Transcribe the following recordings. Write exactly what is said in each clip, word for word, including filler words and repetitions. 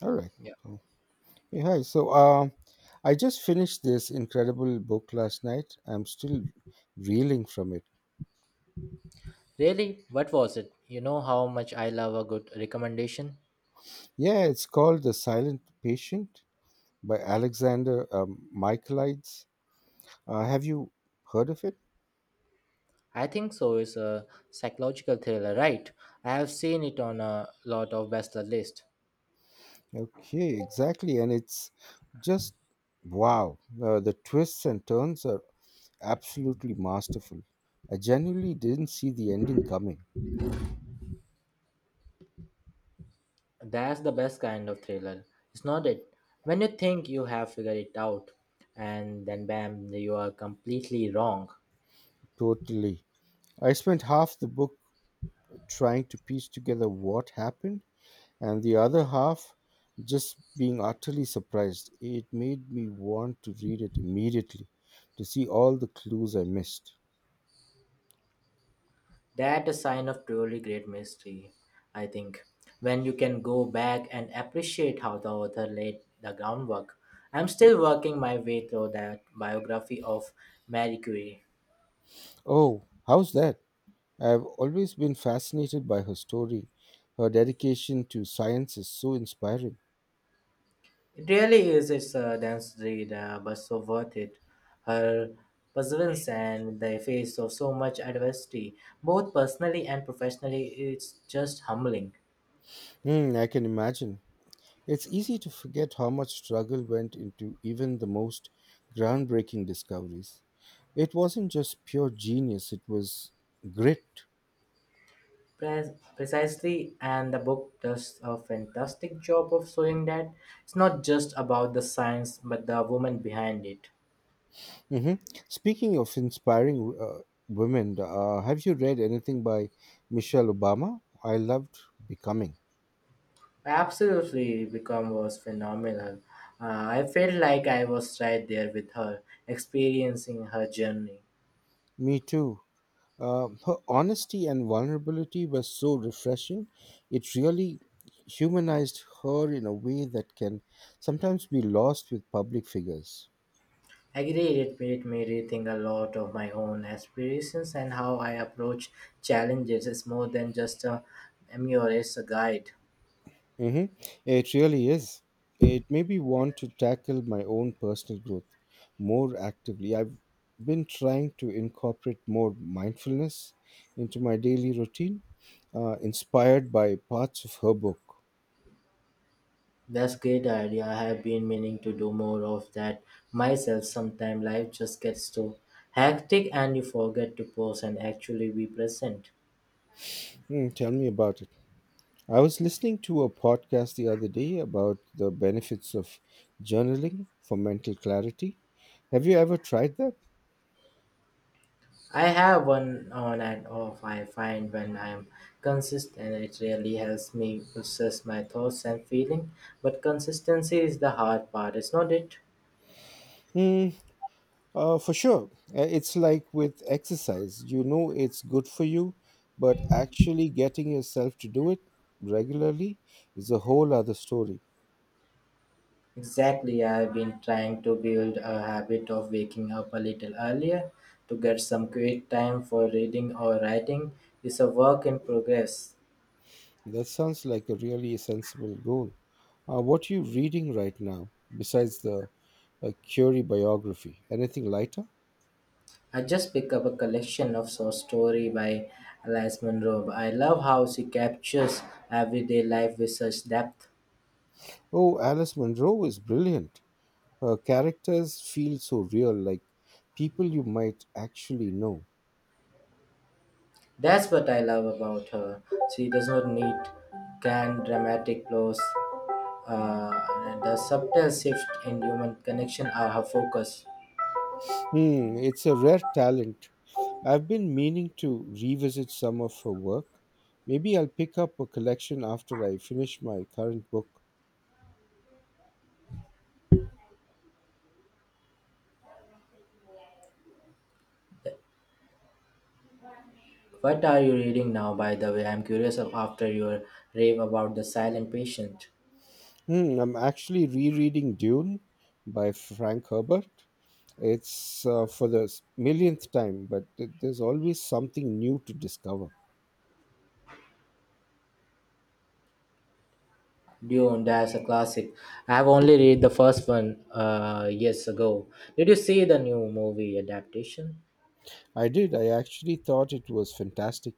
All right. Yeah. Oh, hey, hi. So, um, I just finished this incredible book last night. I'm still reeling from it. Really? What was it? You know how much I love a good recommendation? Yeah, it's called The Silent Patient by Alexander um, Michaelides. Uh, have you heard of it? I think so is a psychological thriller, right? I have seen it on a lot of bestseller list. Okay, exactly. And it's just wow. Uh, the twists and turns are absolutely masterful. I genuinely didn't see the ending coming. That's the best kind of thriller. It's not it. When you think you have figured it out and then bam, you are completely wrong. Totally. I spent half the book trying to piece together what happened and the other half just being utterly surprised. It made me want to read it immediately to see all the clues I missed. That a sign of truly great mystery, I think. When you can go back and appreciate how the author laid the groundwork. I'm still working my way through that biography of Marie Curie. Oh, how's that? I've always been fascinated by her story. Her dedication to science is so inspiring. It really is it's a dense read, uh, but so worth it. Her perseverance and the face of so much adversity, both personally and professionally, it's just humbling. Hmm, I can imagine. It's easy to forget how much struggle went into even the most groundbreaking discoveries. It wasn't just pure genius, it was grit. Pre- Precisely, and the book does a fantastic job of showing that it's not just about the science but the woman behind it. hmm Speaking of inspiring uh, women, uh, have you read anything by Michelle Obama? I loved Becoming. Absolutely, become was phenomenal. Uh, I felt like I was right there with her, experiencing her journey. Me too. Uh, her honesty and vulnerability were so refreshing. It really humanized her in a way that can sometimes be lost with public figures. Agreed, it made me rethink a lot of my own aspirations and how I approach challenges. It's more than just a, a mere as a guide. Mm-hmm. It really is. It made me want to tackle my own personal growth more actively. I've been trying to incorporate more mindfulness into my daily routine, uh, inspired by parts of her book. That's great idea. I have been meaning to do more of that myself. Sometimes life just gets so hectic and you forget to pause and actually be present. Mm, tell me about it. I was listening to a podcast the other day about the benefits of journaling for mental clarity. Have you ever tried that? I have one on and off I find when I am consistent it really helps me process my thoughts and feeling. But consistency is the hard part, is not it? Mm, Uh, for sure. Uh, it's like with exercise. You know it's good for you, but actually getting yourself to do it regularly is a whole other story. Exactly, I've been trying to build a habit of waking up a little earlier to get some quiet time for reading or writing. It's a work in progress. That sounds like a really sensible goal. Uh, what are you reading right now, besides the uh, Curie biography? Anything lighter? I just picked up a collection of short story by Alice Munro. I love how she captures everyday life with such depth. Oh, Alice Munro is brilliant. Her characters feel so real, like people you might actually know. That's what I love about her. She does not need grand dramatic plots. Uh, the subtle shift in human connection are her focus. Hmm, it's a rare talent. I've been meaning to revisit some of her work. Maybe I'll pick up a collection after I finish my current book. What are you reading now, by the way? I'm curious of- after your rave about The Silent Patient. Hmm, I'm actually rereading Dune by Frank Herbert. It's uh, for the s- millionth time, but th- there's always something new to discover. Dune, that's a classic. I have only read the first one uh, years ago. Did you see the new movie adaptation? I did. I actually thought it was fantastic,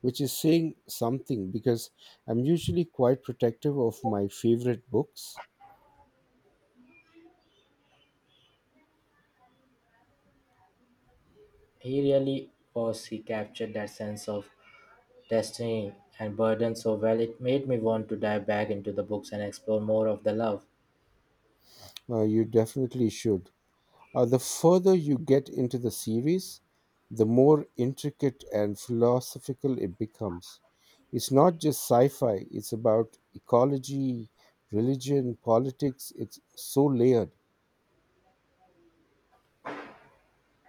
which is saying something because I'm usually quite protective of my favorite books. He really was, he captured that sense of destiny and burden so well, it made me want to dive back into the books and explore more of the love. Uh, you definitely should. Uh, the further you get into the series, the more intricate and philosophical it becomes. It's not just sci fi, it's about ecology, religion, politics. It's so layered.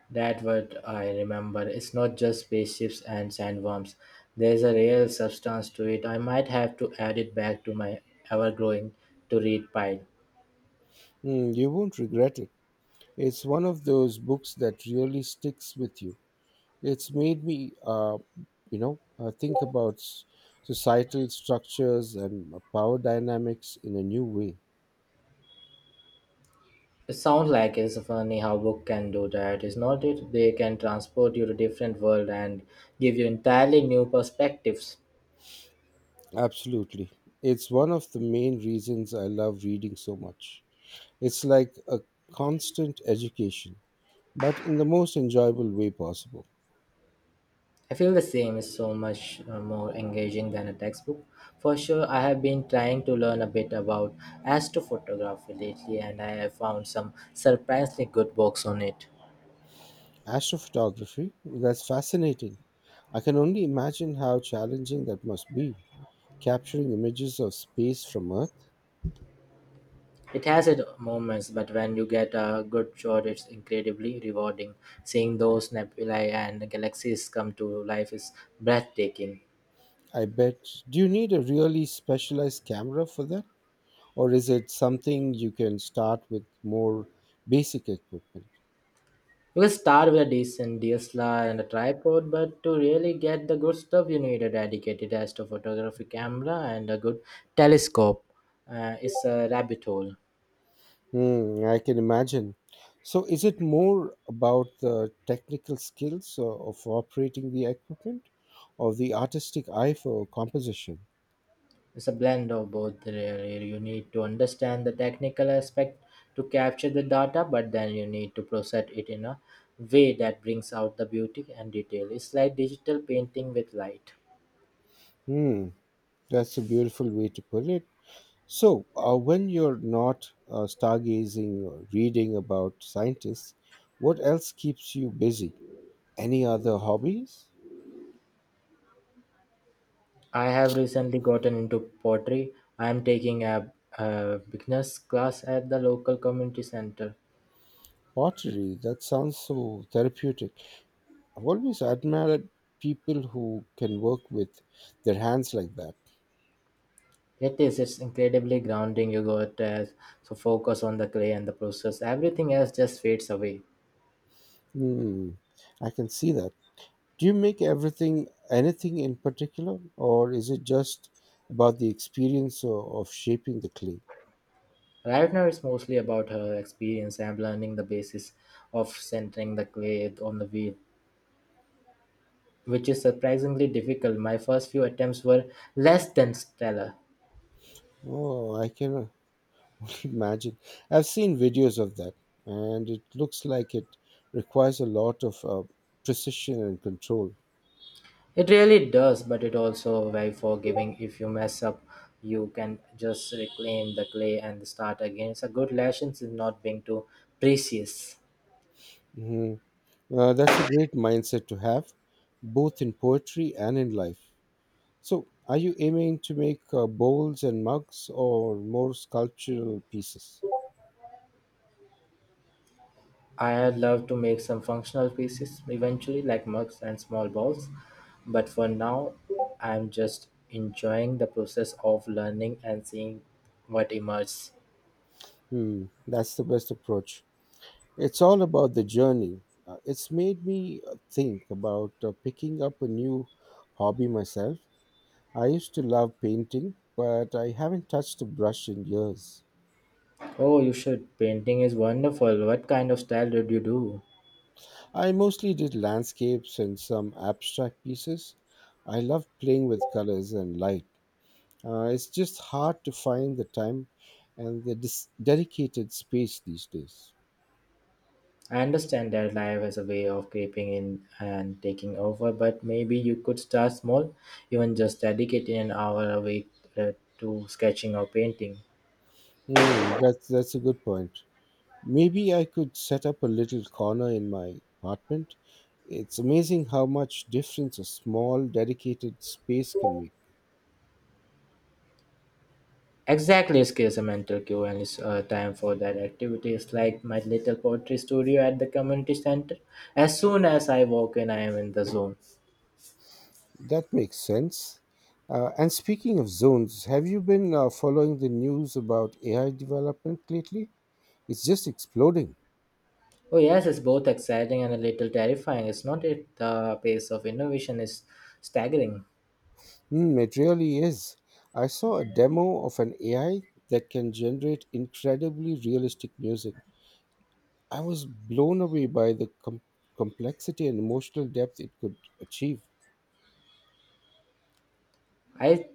That what I remember. It's not just spaceships and sandworms. There's a real substance to it. I might have to add it back to my ever growing to read pile. Mm, you won't regret it. It's one of those books that really sticks with you. It's made me, uh, you know, uh, think about s- societal structures and uh, power dynamics in a new way. It sounds like it's funny how book can do that, is not it? They can transport you to different world and give you entirely new perspectives. Absolutely. It's one of the main reasons I love reading so much. It's like a constant education, but in the most enjoyable way possible. I feel the same is so much uh, more engaging than a textbook. For sure, I have been trying to learn a bit about astrophotography lately and I have found some surprisingly good books on it. Astrophotography, that's fascinating. I can only imagine how challenging that must be, capturing images of space from Earth. It has its moments, but when you get a good shot, it's incredibly rewarding. Seeing those nebulae and galaxies come to life is breathtaking. I bet. Do you need a really specialized camera for that? Or is it something you can start with more basic equipment? You can start with a decent D S L R and a tripod, but to really get the good stuff, you need a dedicated astrophotography camera and a good telescope. Uh, it's a rabbit hole. Hmm, I can imagine. So, is it more about the technical skills uh, of operating the equipment or the artistic eye for composition? It's a blend of both, really. You need to understand the technical aspect to capture the data, but then you need to process it in a way that brings out the beauty and detail. It's like digital painting with light. Hmm, that's a beautiful way to put it. So, uh, when you're not uh, stargazing or reading about scientists, what else keeps you busy? Any other hobbies? I have recently gotten into pottery. I am taking a, a beginner's class at the local community center. Pottery, that sounds so therapeutic. I've always admired people who can work with their hands like that. It is. It's incredibly grounding. You got uh, so focus on the clay and the process. Everything else just fades away. Hmm, I can see that. Do you make everything anything in particular, or is it just about the experience of, of shaping the clay? Right now, it's mostly about her experience and learning the basis of centering the clay on the wheel, which is surprisingly difficult. My first few attempts were less than stellar. Oh, I can imagine. I've seen videos of that, and it looks like it requires a lot of uh, precision and control. It really does, but it also very forgiving. If you mess up, you can just reclaim the clay and start again. It's a good lesson in not being too precious. hmm Uh, that's a great mindset to have, both in poetry and in life. So, are you aiming to make uh, bowls and mugs or more sculptural pieces? I'd love to make some functional pieces eventually, like mugs and small balls, but for now, I'm just enjoying the process of learning and seeing what emerges. Hmm, that's the best approach. It's all about the journey. Uh, it's made me uh, think about uh, picking up a new hobby myself. I used to love painting, but I haven't touched a brush in years. Oh, you should. Painting is wonderful. What kind of style did you do? I mostly did landscapes and some abstract pieces. I love playing with colors and light. Uh, it's just hard to find the time and the dis- dedicated space these days. I understand that life is a way of creeping in and taking over, but maybe you could start small, even just dedicating an hour a week uh, to sketching or painting. Hmm, that's that's a good point. Maybe I could set up a little corner in my apartment. It's amazing how much difference a small, dedicated space can make. Exactly, escapes a mental cue and it's uh, time for that activity. It's like my little poetry studio at the community center. As soon as I walk in, I am in the zone. That makes sense. Uh, and speaking of zones, have you been uh, following the news about A I development lately? It's just exploding. Oh yes, it's both exciting and a little terrifying. It's not it. The pace of innovation is staggering. Hmm, it really is. I saw a demo of an A I that can generate incredibly realistic music. I was blown away by the com- complexity and emotional depth it could achieve. I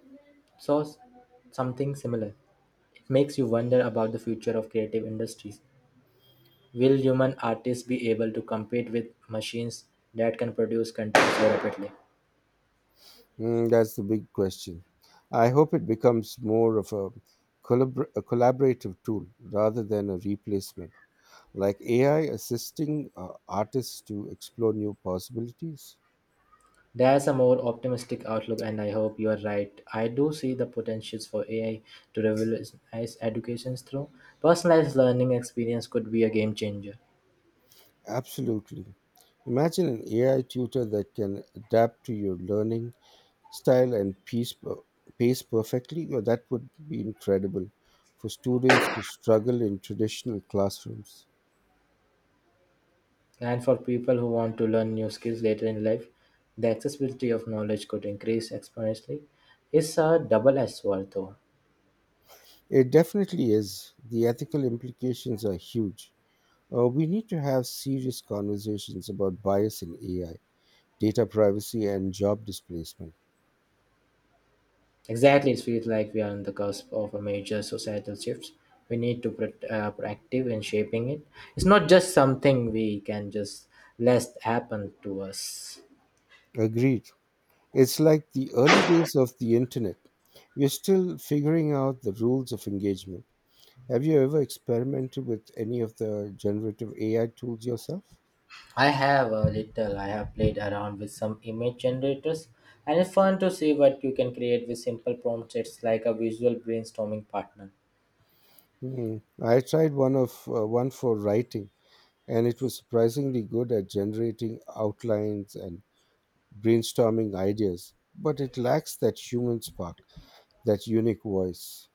saw s- something similar. It makes you wonder about the future of creative industries. Will human artists be able to compete with machines that can produce content so rapidly? Mm, that's the big question. I hope it becomes more of a, collabor- a collaborative tool rather than a replacement, like A I assisting uh, artists to explore new possibilities. There's a more optimistic outlook, and I hope you are right. I do see the potentials for A I to revolutionize education through personalized learning experience could be a game changer. Absolutely. Imagine an A I tutor that can adapt to your learning style and piece, per- pace perfectly. You know, that would be incredible for students who struggle in traditional classrooms. And for people who want to learn new skills later in life, the accessibility of knowledge could increase exponentially. It's a double-edged sword, though. It definitely is. The ethical implications are huge. Uh, we need to have serious conversations about bias in A I, data privacy, and job displacement. Exactly, it feels like we are on the cusp of a major societal shift. We need to be uh, proactive in shaping it. It's not just something we can just let happen to us. Agreed. It's like the early days of the internet. We're still figuring out the rules of engagement. Have you ever experimented with any of the generative A I tools yourself? I have a little. I have played around with some image generators, and it's fun to see what you can create with simple prompts. It's like a visual brainstorming partner. Hmm. I tried one of uh, one for writing, and it was surprisingly good at generating outlines and brainstorming ideas, but it lacks that human spark, that unique voice.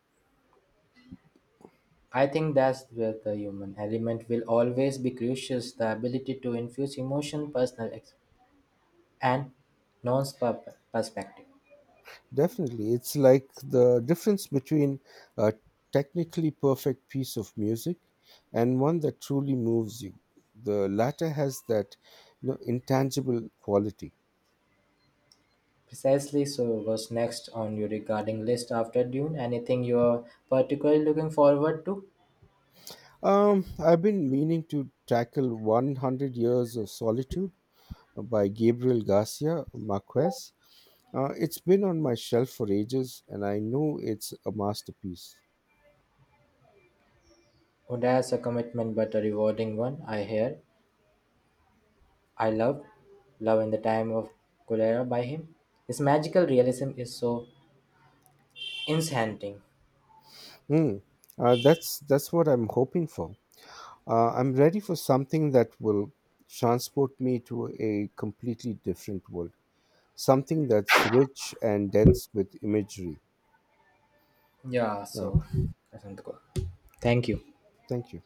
I think that's where the human element will always be crucial the ability to infuse emotion, personal ex- and non perspective. Definitely. It's like the difference between a technically perfect piece of music and one that truly moves you. The latter has that you know, intangible quality. Precisely so, what's next on your regarding list after Dune? Anything you're particularly looking forward to? Um, I've been meaning to tackle one hundred Years of Solitude by Gabriel Garcia Marquez. Uh, it's been on my shelf for ages, and I know it's a masterpiece. Oh, that's a commitment, but a rewarding one, I hear. I loved Love in the Time of Cholera by him. His magical realism is so enchanting. Hmm. Uh, that's that's what I'm hoping for. Uh, I'm ready for something that will transport me to a completely different world, something that's rich and dense with imagery. Yeah, so Okay, Asante ko. Thank you. thank you.